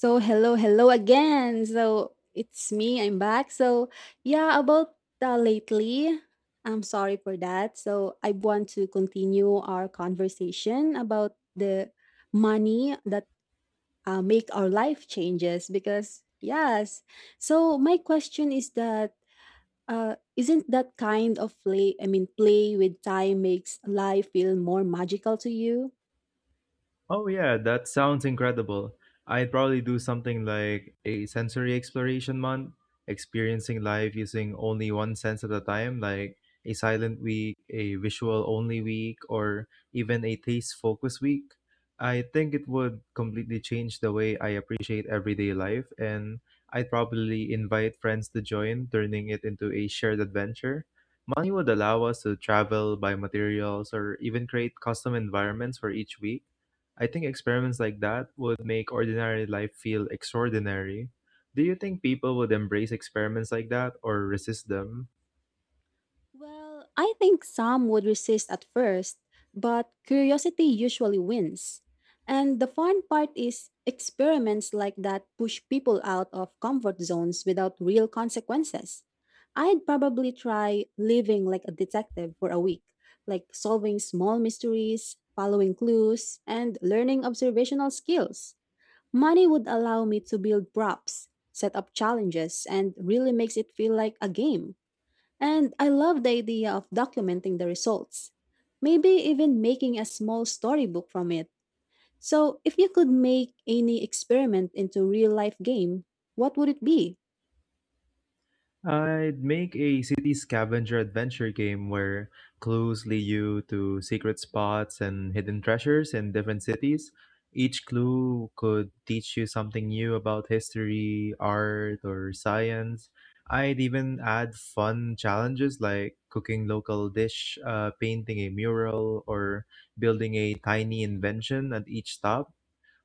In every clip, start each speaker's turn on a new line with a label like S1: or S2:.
S1: So hello, hello again. So it's me. I'm back. So yeah, about lately. I'm sorry for that. So I want to continue our conversation about the money that make our life changes because yes. So my question is that isn't that kind of play? I mean, play with time makes life feel more magical to you?
S2: Oh yeah, that sounds incredible. I'd probably do something like a sensory exploration month, experiencing life using only one sense at a time, like a silent week, a visual only week, or even a taste focus week. I think it would completely change the way I appreciate everyday life, and I'd probably invite friends to join, turning it into a shared adventure. Money would allow us to travel, buy materials, or even create custom environments for each week. I think experiments like that would make ordinary life feel extraordinary. Do you think people would embrace experiments like that or resist them?
S1: Well, I think some would resist at first, but curiosity usually wins. And the fun part is experiments like that push people out of comfort zones without real consequences. I'd probably try living like a detective for a week, like solving small mysteries, following clues, and learning observational skills. Money would allow me to build props, set up challenges, and really makes it feel like a game. And I love the idea of documenting the results, maybe even making a small storybook from it. So, if you could make any experiment into real life game, what would it be?
S2: I'd make a city scavenger adventure game where clues lead you to secret spots and hidden treasures in different cities. Each clue could teach you something new about history, art, or science. I'd even add fun challenges like cooking local dish, painting a mural, or building a tiny invention at each stop.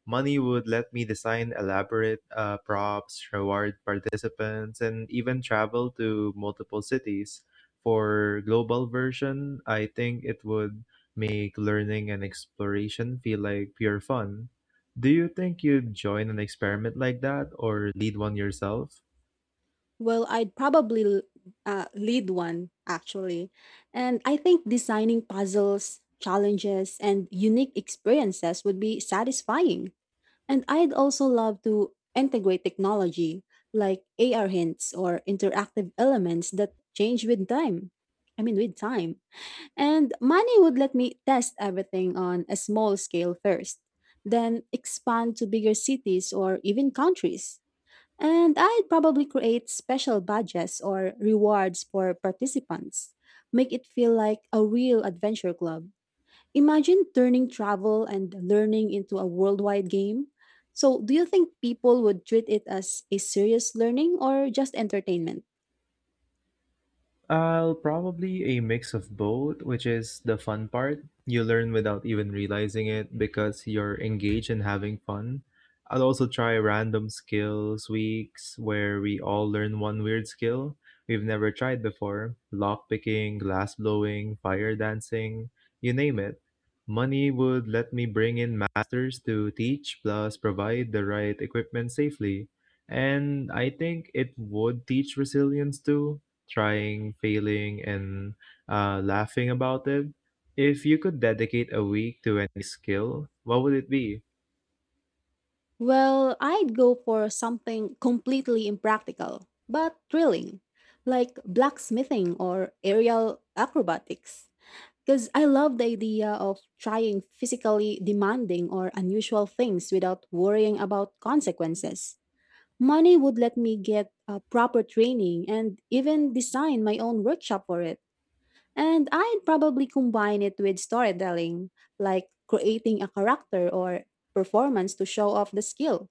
S2: Money would let me design elaborate props, reward participants, and even travel to multiple cities. For global version, I think it would make learning and exploration feel like pure fun. Do you think you'd join an experiment like that or lead one yourself?
S1: Well, I'd probably lead one actually. And I think designing puzzles, challenges, and unique experiences would be satisfying. And I'd also love to integrate technology like AR hints or interactive elements that change with time. I mean, with time. And money would let me test everything on a small scale first, then expand to bigger cities or even countries. And I'd probably create special badges or rewards for participants, make it feel like a real adventure club. Imagine turning travel and learning into a worldwide game. So, do you think people would treat it as a serious learning or just entertainment?
S2: I'll probably a mix of both, which is the fun part. You learn without even realizing it because you're engaged and having fun. I'll also try random skills weeks where we all learn one weird skill we've never tried before lock picking, glass blowing, fire dancing, you name it. Money would let me bring in masters to teach plus provide the right equipment safely. And I think it would teach resilience too trying, failing, and laughing about it. If you could dedicate a week to any skill, what would it be?
S1: Well, I'd go for something completely impractical, but thrilling, like blacksmithing or aerial acrobatics. Because I love the idea of trying physically demanding or unusual things without worrying about consequences. Money would let me get a proper training and even design my own workshop for it. And I'd probably combine it with storytelling, like creating a character or performance to show off the skill.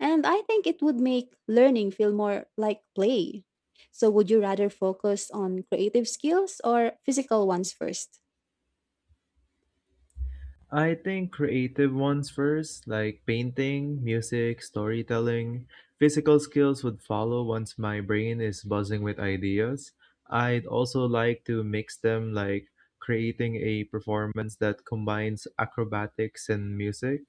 S1: And I think it would make learning feel more like play. So, would you rather focus on creative skills or physical ones first?
S2: I think creative ones first, like painting, music, storytelling. Physical skills would follow once my brain is buzzing with ideas. I'd also like to mix them, like creating a performance that combines acrobatics and music.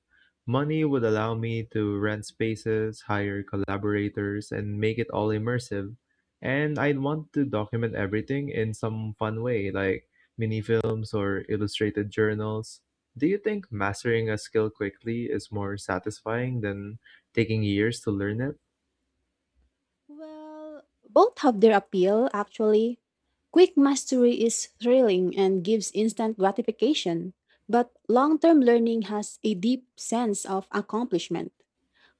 S2: Money would allow me to rent spaces, hire collaborators, and make it all immersive. And I'd want to document everything in some fun way, like mini films or illustrated journals. Do you think mastering a skill quickly is more satisfying than taking years to learn it?
S1: Well, both have their appeal, actually. Quick mastery is thrilling and gives instant gratification, but long term learning has a deep sense of accomplishment.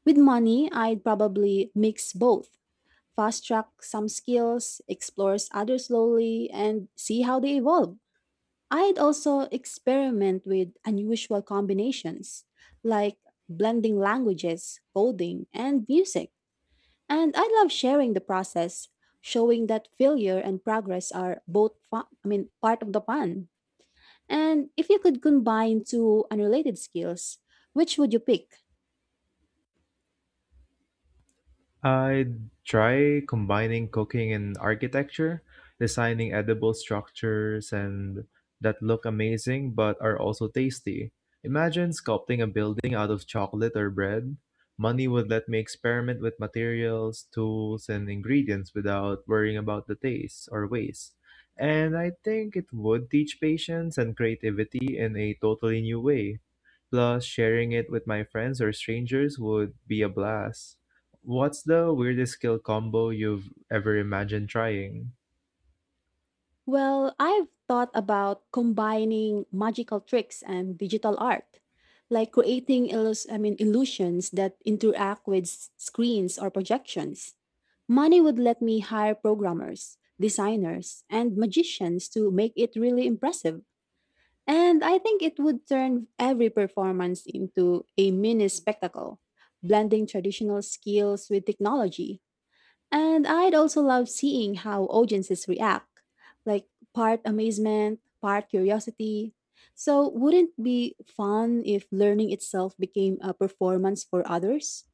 S1: With money, I'd probably mix both fast track some skills, explores others slowly, and see how they evolve. I'd also experiment with unusual combinations like blending languages, coding, and music. And I love sharing the process, showing that failure and progress are both I mean part of the fun. And if you could combine two unrelated skills, which would you pick?
S2: I'd try combining cooking and architecture, designing edible structures and that look amazing but are also tasty. Imagine sculpting a building out of chocolate or bread. Money would let me experiment with materials, tools, and ingredients without worrying about the taste or waste. And I think it would teach patience and creativity in a totally new way. Plus, sharing it with my friends or strangers would be a blast. What's the weirdest skill combo you've ever imagined trying?
S1: Well, I've thought about combining magical tricks and digital art, like creating I mean, illusions that interact with screens or projections. Money would let me hire programmers, designers, and magicians to make it really impressive. And I think it would turn every performance into a mini spectacle, blending traditional skills with technology. And I'd also love seeing how audiences react, like part amazement, part curiosity. So, wouldn't it be fun if learning itself became a performance for others?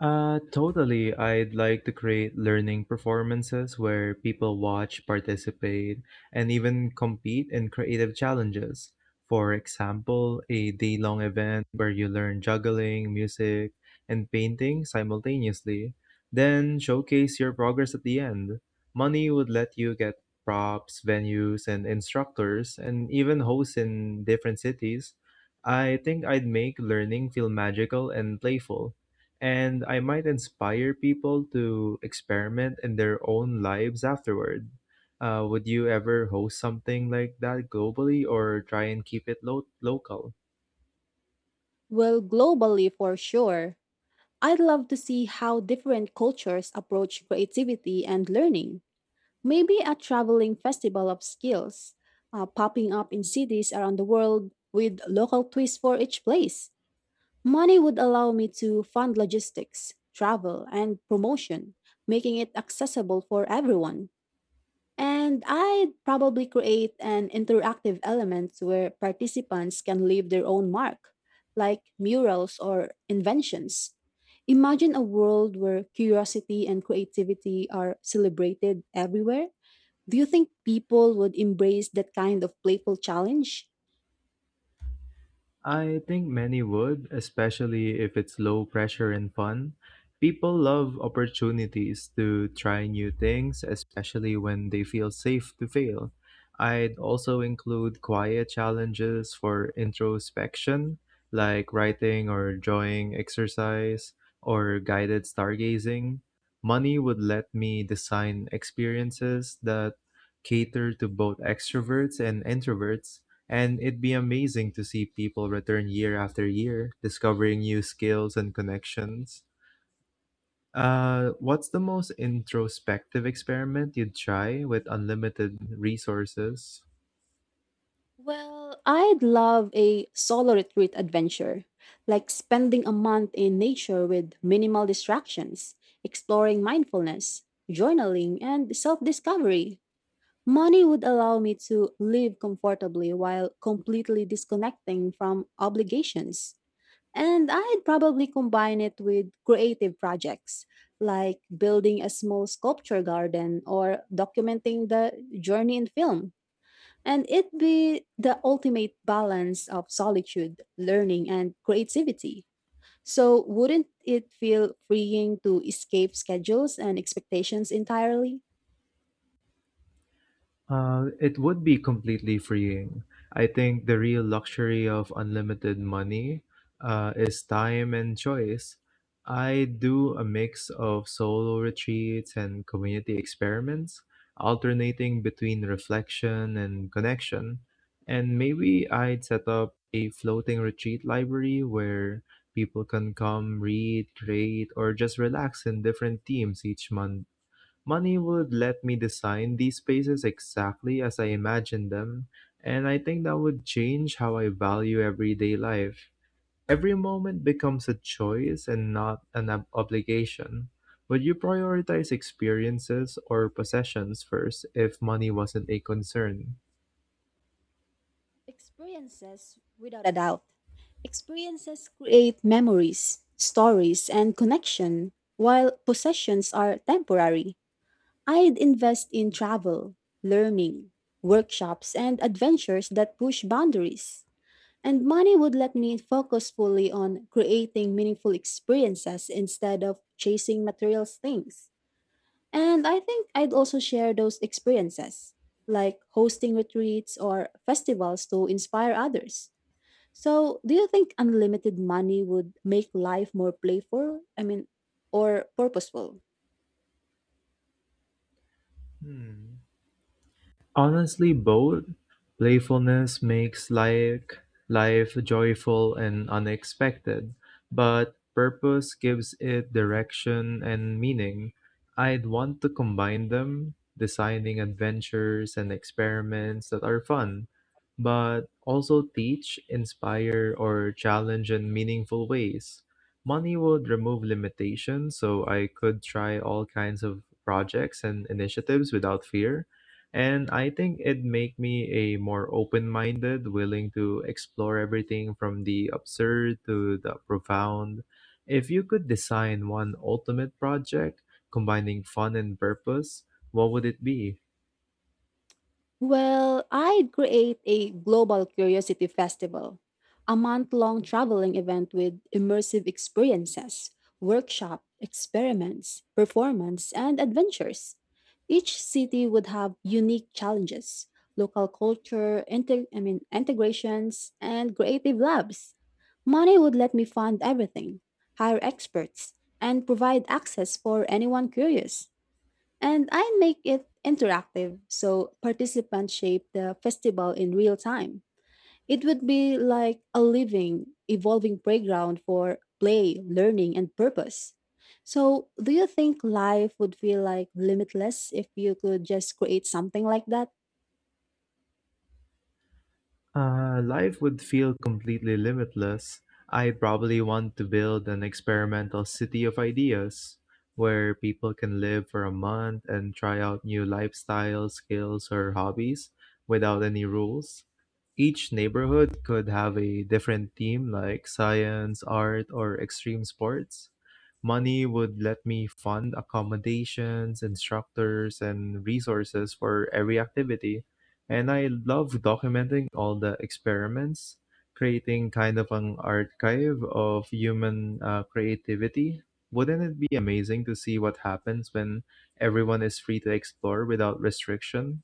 S2: Totally. I'd like to create learning performances where people watch, participate, and even compete in creative challenges. For example, a day long event where you learn juggling, music, and painting simultaneously. Then showcase your progress at the end. Money would let you get props, venues, and instructors, and even hosts in different cities. I think I'd make learning feel magical and playful, and I might inspire people to experiment in their own lives afterward. Would you ever host something like that globally or try and keep it local?
S1: Well, globally for sure. I'd love to see how different cultures approach creativity and learning. Maybe a traveling festival of skills, popping up in cities around the world with local twists for each place. Money would allow me to fund logistics, travel, and promotion, making it accessible for everyone. And I'd probably create an interactive element where participants can leave their own mark, like murals or inventions. Imagine a world where curiosity and creativity are celebrated everywhere. Do you think people would embrace that kind of playful challenge?
S2: I think many would, especially if it's low pressure and fun. People love opportunities to try new things, especially when they feel safe to fail. I'd also include quiet challenges for introspection, like writing or drawing exercise or guided stargazing. Money would let me design experiences that cater to both extroverts and introverts, and it'd be amazing to see people return year after year, discovering new skills and connections. What's the most introspective experiment you'd try with unlimited resources?
S1: Well, I'd love a solo retreat adventure, like spending a month in nature with minimal distractions, exploring mindfulness, journaling, and self discovery. Money would allow me to live comfortably while completely disconnecting from obligations. And I'd probably combine it with creative projects, like building a small sculpture garden or documenting the journey in film. And it be the ultimate balance of solitude, learning, and creativity. So, wouldn't it feel freeing to escape schedules and expectations entirely?
S2: It would be completely freeing. I think the real luxury of unlimited money is time and choice. I do a mix of solo retreats and community experiments, alternating between reflection and connection. And maybe I'd set up a floating retreat library where people can come, read, create, or just relax in different themes each month. Money would let me design these spaces exactly as I imagine them, and I think that would change how I value everyday life. Every moment becomes a choice and not an obligation. Would you prioritize experiences or possessions first if money wasn't a concern?
S1: Experiences, without a doubt. Experiences create memories, stories, and connection, while possessions are temporary. I'd invest in travel, learning, workshops, and adventures that push boundaries. And money would let me focus fully on creating meaningful experiences instead of chasing material things. And I think I'd also share those experiences, like hosting retreats or festivals to inspire others. So, do you think unlimited money would make life more playful? I mean, or purposeful?
S2: Hmm. Honestly both playfulness makes like life joyful and unexpected, but purpose gives it direction and meaning. I'd want to combine them, designing adventures and experiments that are fun, but also teach, inspire, or challenge in meaningful ways. Money would remove limitations so I could try all kinds of projects and initiatives without fear, and I think it made me a more open-minded, willing to explore everything from the absurd to the profound. If you could design one ultimate project combining fun and purpose, what would it be?
S1: Well, I'd create a global curiosity festival, a month long traveling event with immersive experiences, workshop, experiments, performance, and adventures. Each city would have unique challenges, local culture, I mean, integrations, and creative labs. Money would let me fund everything, hire experts, and provide access for anyone curious. And I make it interactive so participants shape the festival in real time. It would be like a living, evolving playground for play, learning, and purpose. So, do you think life would feel like limitless if you could just create something like that?
S2: Life would feel completely limitless. I'd probably want to build an experimental city of ideas where people can live for a month and try out new lifestyle skills or hobbies without any rules. Each neighborhood could have a different theme like science, art, or extreme sports. Money would let me fund accommodations, instructors, and resources for every activity. And I love documenting all the experiments, creating kind of an archive of human creativity. Wouldn't it be amazing to see what happens when everyone is free to explore without restriction?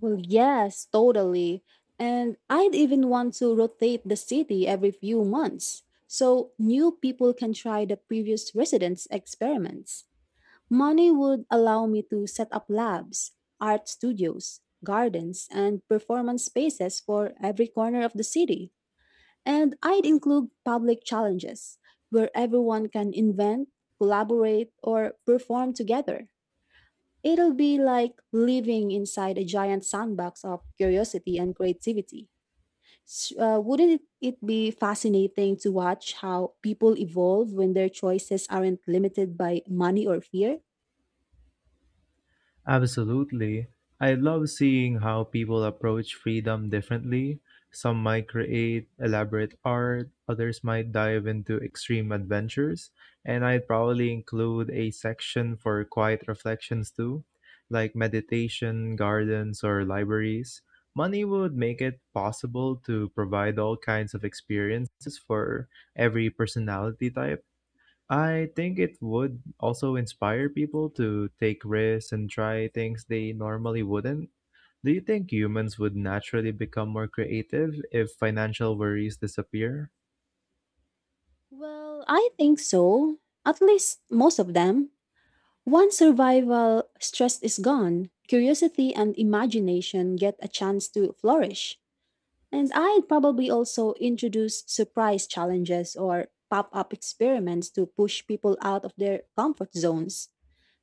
S1: Well, yes, totally. And I'd even want to rotate the city every few months so new people can try the previous residents' experiments. Money would allow me to set up labs, art studios, gardens, and performance spaces for every corner of the city. And I'd include public challenges where everyone can invent, collaborate, or perform together. It'll be like living inside a giant sandbox of curiosity and creativity. Wouldn't it be fascinating to watch how people evolve when their choices aren't limited by money or fear?
S2: Absolutely. I love seeing how people approach freedom differently. Some might create elaborate art, others might dive into extreme adventures, and I'd probably include a section for quiet reflections too, like meditation, gardens, or libraries. Money would make it possible to provide all kinds of experiences for every personality type. I think it would also inspire people to take risks and try things they normally wouldn't. Do you think humans would naturally become more creative if financial worries disappear?
S1: Well, I think so. At least most of them. Once survival stress is gone, curiosity and imagination get a chance to flourish. And I'd probably also introduce surprise challenges or pop up experiments to push people out of their comfort zones.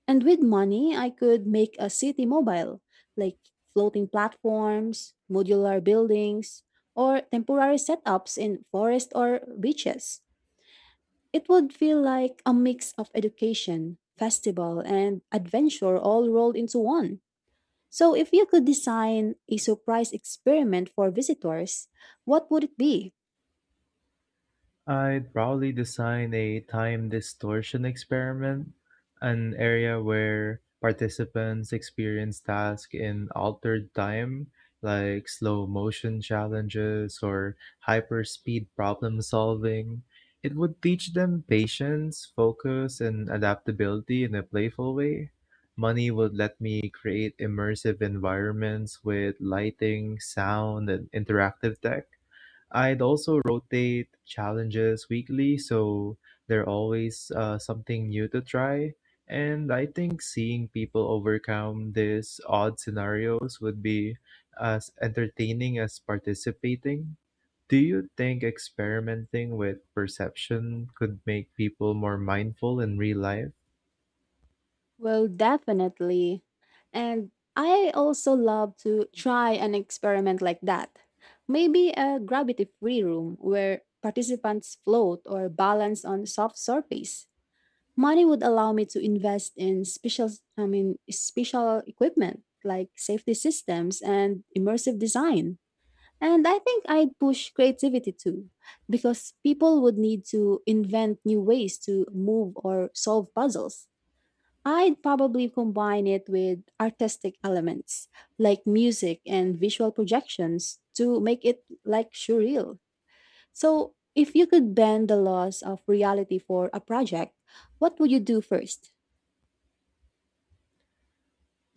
S1: And with money, I could make a city mobile, like floating platforms, modular buildings, or temporary setups in forest or beaches. It would feel like a mix of education, festival, and adventure all rolled into one. So, if you could design a surprise experiment for visitors, what would it be?
S2: I'd probably design a time distortion experiment, an area where participants experience tasks in altered time, like slow motion challenges or hyperspeed problem solving. It would teach them patience, focus, and adaptability in a playful way. Money would let me create immersive environments with lighting, sound, and interactive tech. I'd also rotate challenges weekly, so there's always something new to try. And I think seeing people overcome these odd scenarios would be as entertaining as participating. Do you think experimenting with perception could make people more mindful in real life?
S1: Well, definitely. And I also love to try an experiment like that. Maybe a gravity free room where participants float or balance on soft surface. Money would allow me to invest in special, I mean, special equipment like safety systems and immersive design. And I think I'd push creativity too, because people would need to invent new ways to move or solve puzzles. I'd probably combine it with artistic elements like music and visual projections to make it like surreal. So, if you could bend the laws of reality for a project, what would you do first?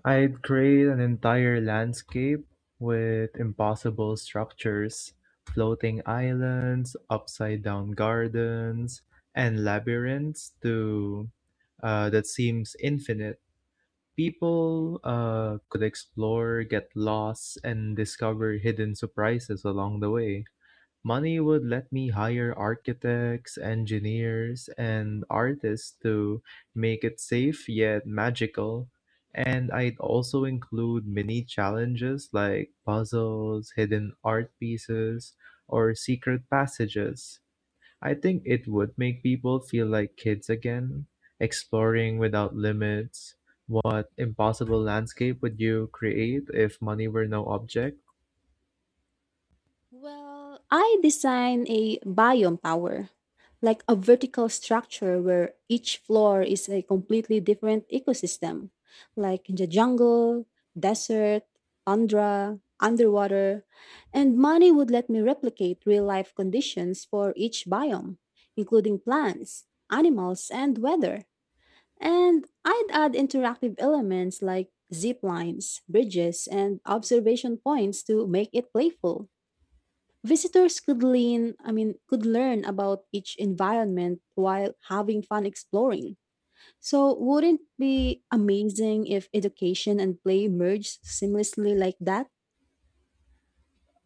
S2: I'd create an entire landscape with impossible structures, floating islands, upside down gardens, and labyrinths to that seems infinite. People could explore, get lost, and discover hidden surprises along the way. Money would let me hire architects, engineers, and artists to make it safe yet magical. And I'd also include mini challenges like puzzles, hidden art pieces, or secret passages. I think it would make people feel like kids again, exploring without limits. What impossible landscape would you create if money were no object?
S1: Well, I designed a biome tower, like a vertical structure where each floor is a completely different ecosystem, like in the jungle, desert, tundra, underwater. And money would let me replicate real life conditions for each biome, including plants, animals, and weather. And I'd add interactive elements like zip lines, bridges, and observation points to make it playful. Visitors could I mean, could learn about each environment while having fun exploring. So, wouldn't it be amazing if education and play merged seamlessly like that?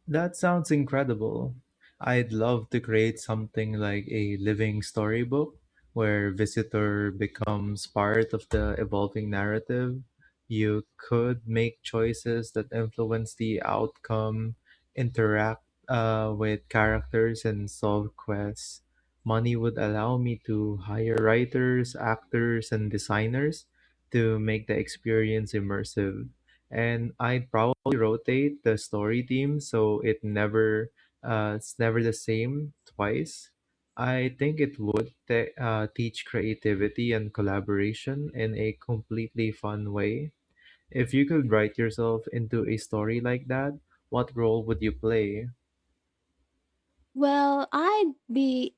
S2: That sounds incredible. I'd love to create something like a living storybook where visitor becomes part of the evolving narrative. You could make choices that influence the outcome, interact with characters, and solve quests. Money would allow me to hire writers, actors, and designers to make the experience immersive, and I'd probably rotate the story theme so it never it's never the same twice. I think it would teach creativity and collaboration in a completely fun way. If you could write yourself into a story like that, what role would you play?
S1: Well, I'd be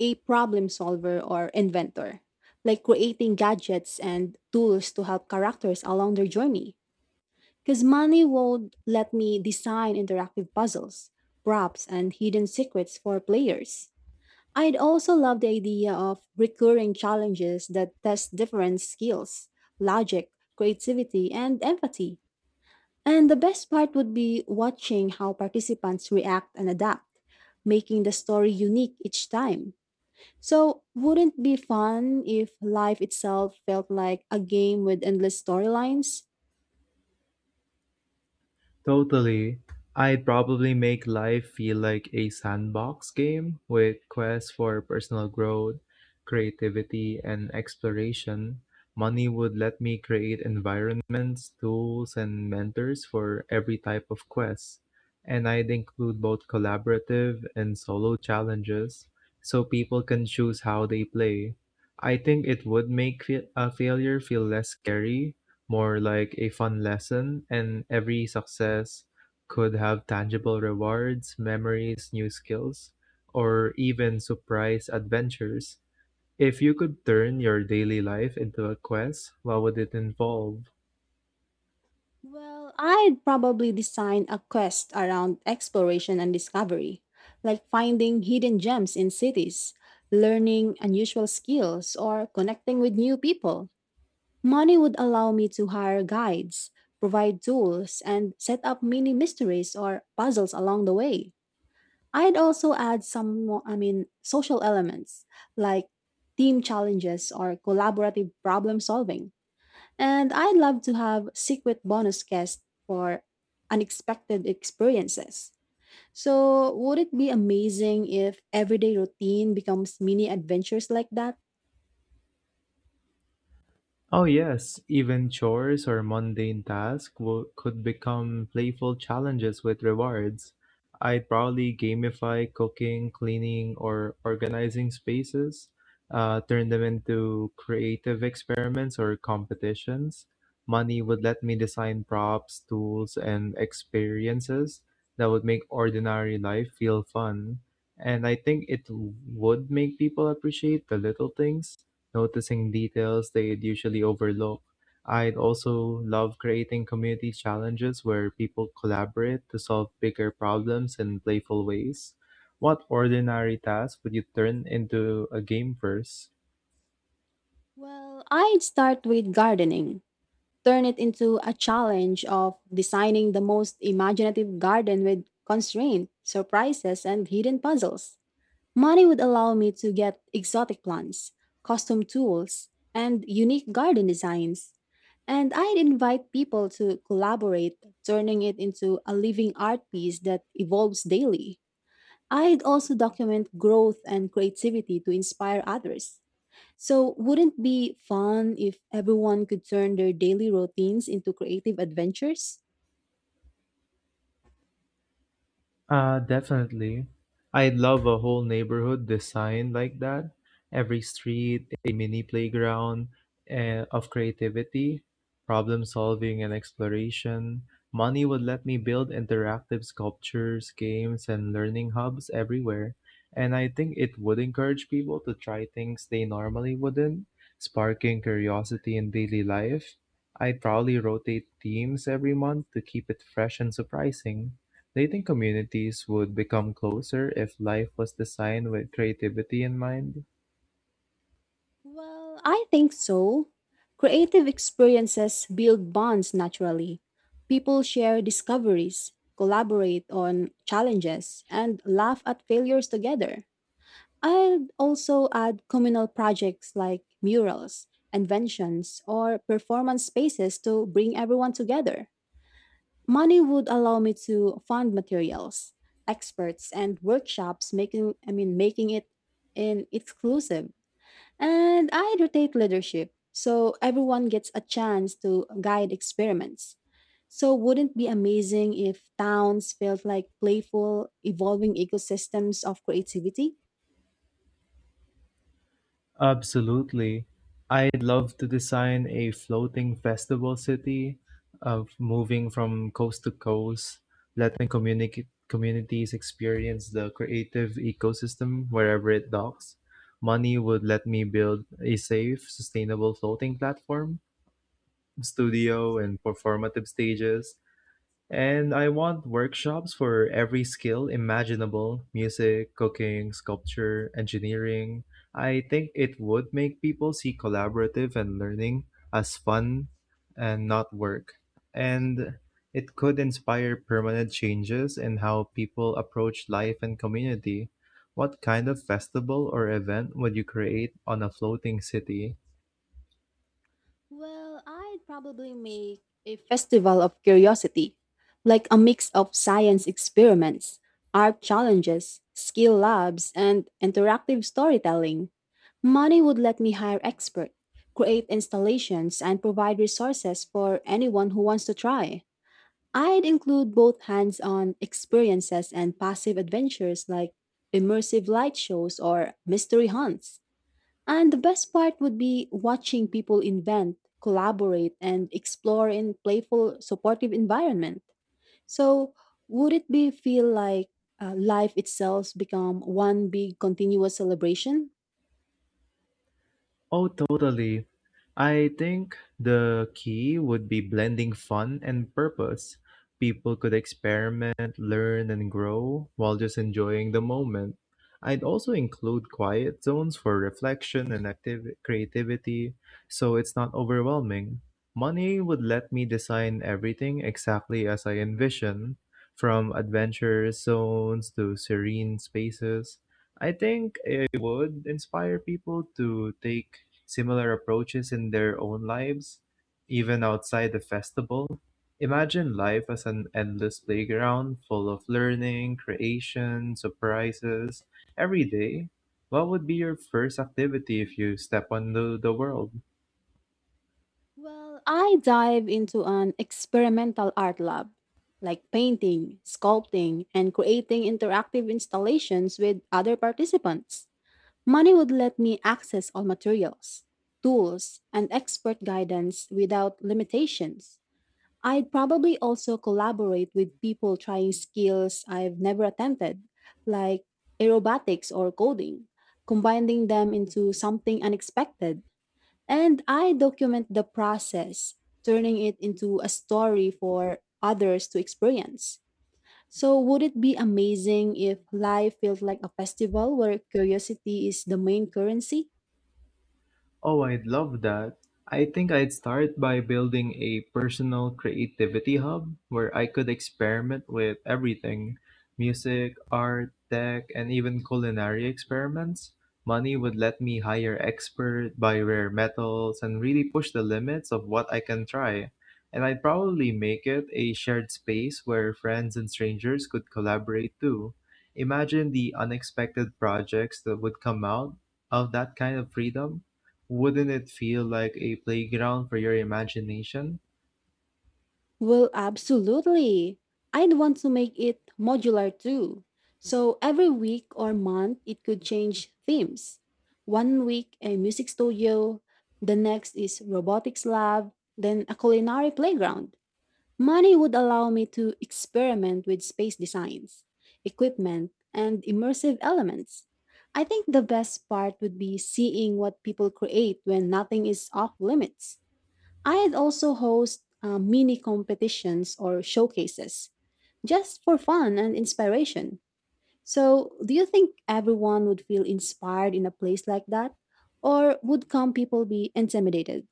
S1: a problem solver or inventor, like creating gadgets and tools to help characters along their journey. Because money would let me design interactive puzzles, props, and hidden secrets for players. I'd also love the idea of recurring challenges that test different skills, logic, creativity, and empathy. And the best part would be watching how participants react and adapt, making the story unique each time. So, wouldn't it be fun if life itself felt like a game with endless storylines?
S2: Totally. I'd probably make life feel like a sandbox game with quests for personal growth, creativity, and exploration. Money would let me create environments, tools, and mentors for every type of quest. And I'd include both collaborative and solo challenges so people can choose how they play. I think it would make a failure feel less scary, more like a fun lesson, and every success could have tangible rewards, memories, new skills, or even surprise adventures. If you could turn your daily life into a quest, what would it involve?
S1: Well, I'd probably design a quest around exploration and discovery, like finding hidden gems in cities, learning unusual skills, or connecting with new people. Money would allow me to hire guides, provide tools, and set up mini mysteries or puzzles along the way. I'd also add some, I mean, social elements like team challenges or collaborative problem solving. And I'd love to have secret bonus guests for unexpected experiences. So, would it be amazing if everyday routine becomes mini adventures like that?
S2: Oh, yes, even chores or mundane tasks could become playful challenges with rewards. I'd probably gamify cooking, cleaning, or organizing spaces, turn them into creative experiments or competitions. Money would let me design props, tools, and experiences that would make ordinary life feel fun. And I think it would make people appreciate the little things, noticing details they'd usually overlook. I'd also love creating community challenges where people collaborate to solve bigger problems in playful ways. What ordinary task would you turn into a game first?
S1: Well, I'd start with gardening. Turn it into a challenge of designing the most imaginative garden with constraint, surprises, and hidden puzzles. Money would allow me to get exotic plants, custom tools, and unique garden designs. And I'd invite people to collaborate, turning it into a living art piece that evolves daily. I'd also document growth and creativity to inspire others. So, wouldn't it be fun if everyone could turn their daily routines into creative adventures?
S2: Definitely. I'd love a whole neighborhood designed like that. Every street, a mini playground of creativity, problem solving, and exploration. Money would let me build interactive sculptures, games, and learning hubs everywhere. And I think it would encourage people to try things they normally wouldn't, sparking curiosity in daily life. I'd probably rotate themes every month to keep it fresh and surprising. Dating communities would become closer if life was designed with creativity in mind?
S1: Well, I think so. Creative experiences build bonds naturally. People share discoveries, collaborate on challenges, and laugh at failures together. I'd also add communal projects like murals, inventions, or performance spaces to bring everyone together. Money would allow me to fund materials, experts, and workshops, making I mean making it an exclusive. And I rotate leadership so everyone gets a chance to guide experiments. So, wouldn't it be amazing if towns felt like playful, evolving ecosystems of creativity?
S2: Absolutely. I'd love to design a floating festival city of moving from coast to coast, letting communities experience the creative ecosystem wherever it docks. Money would let me build a safe, sustainable floating platform, studio, and performative stages. And I want workshops for every skill imaginable music, cooking, sculpture, engineering. I think it would make people see collaborative and learning as fun and not work. And it could inspire permanent changes in how people approach life and community. What kind of festival or event would you create on a floating city?
S1: Well, I'd probably make a festival of curiosity, like a mix of science experiments, art challenges, skill labs, and interactive storytelling. Money would let me hire experts, create installations, and provide resources for anyone who wants to try. I'd include both hands on experiences and passive adventures like immersive light shows or mystery hunts. And the best part would be watching people invent, collaborate, and explore in playful, supportive environment. So, would it be feel like life itself become one big continuous celebration?
S2: Oh, totally. I think the key would be blending fun and purpose. People could experiment, learn, and grow while just enjoying the moment. I'd also include quiet zones for reflection and active creativity so it's not overwhelming. Money would let me design everything exactly as I envision, from adventure zones to serene spaces. I think it would inspire people to take similar approaches in their own lives, even outside the festival. Imagine life as an endless playground full of learning, creation, surprises every day. What would be your first activity if you step onto the world?
S1: Well, I dive into an experimental art lab, like painting, sculpting, and creating interactive installations with other participants. Money would let me access all materials, tools, and expert guidance without limitations. I'd probably also collaborate with people trying skills I've never attempted, like aerobatics or coding, combining them into something unexpected. And I document the process, turning it into a story for others to experience. So, would it be amazing if life felt like a festival where curiosity is the main currency?
S2: Oh, I'd love that. I think I'd start by building a personal creativity hub where I could experiment with everything music, art, tech, and even culinary experiments. Money would let me hire experts, buy rare metals, and really push the limits of what I can try. And I'd probably make it a shared space where friends and strangers could collaborate too. Imagine the unexpected projects that would come out of that kind of freedom, wouldn't it feel like a playground for your imagination?
S1: Well, absolutely. I'd want to make it modular too. So every week or month, it could change themes. One week, a music studio, the next is robotics lab, then a culinary playground. Money would allow me to experiment with space designs, equipment, and immersive elements. I think the best part would be seeing what people create when nothing is off limits. I'd also host mini competitions or showcases just for fun and inspiration. So, do you think everyone would feel inspired in a place like that? Or would some people be intimidated?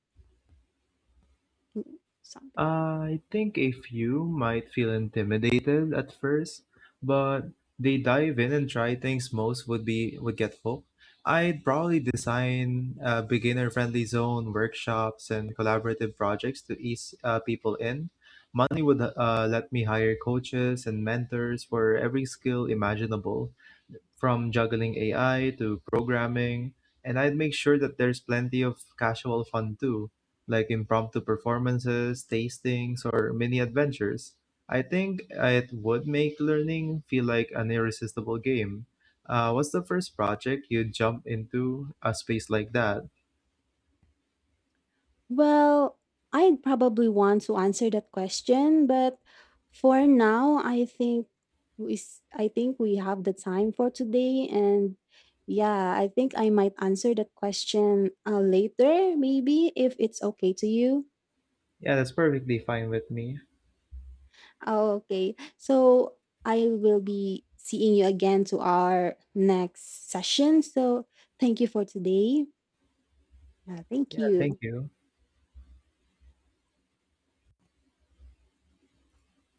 S1: Mm, something.
S2: I think a few might feel intimidated at first, but they dive in and try things most would be would get hooked. I'd probably design beginner-friendly zone workshops and collaborative projects to ease people in. Money would let me hire coaches and mentors for every skill imaginable. From juggling AI to programming, and I'd make sure that there's plenty of casual fun too, like impromptu performances, tastings, or mini adventures. I think it would make learning feel like an irresistible game. What's the first project you jump into a space like that?
S1: Well, I'd probably want to answer that question, but for now, I think I think we have the time for today and yeah, I think I might answer that question later maybe if it's okay to you.
S2: Yeah, that's perfectly fine with me.
S1: Oh, okay. So, I will be seeing you again to our next session. So, thank you for today. Yeah, thank
S2: Yeah, thank
S1: you.
S2: you.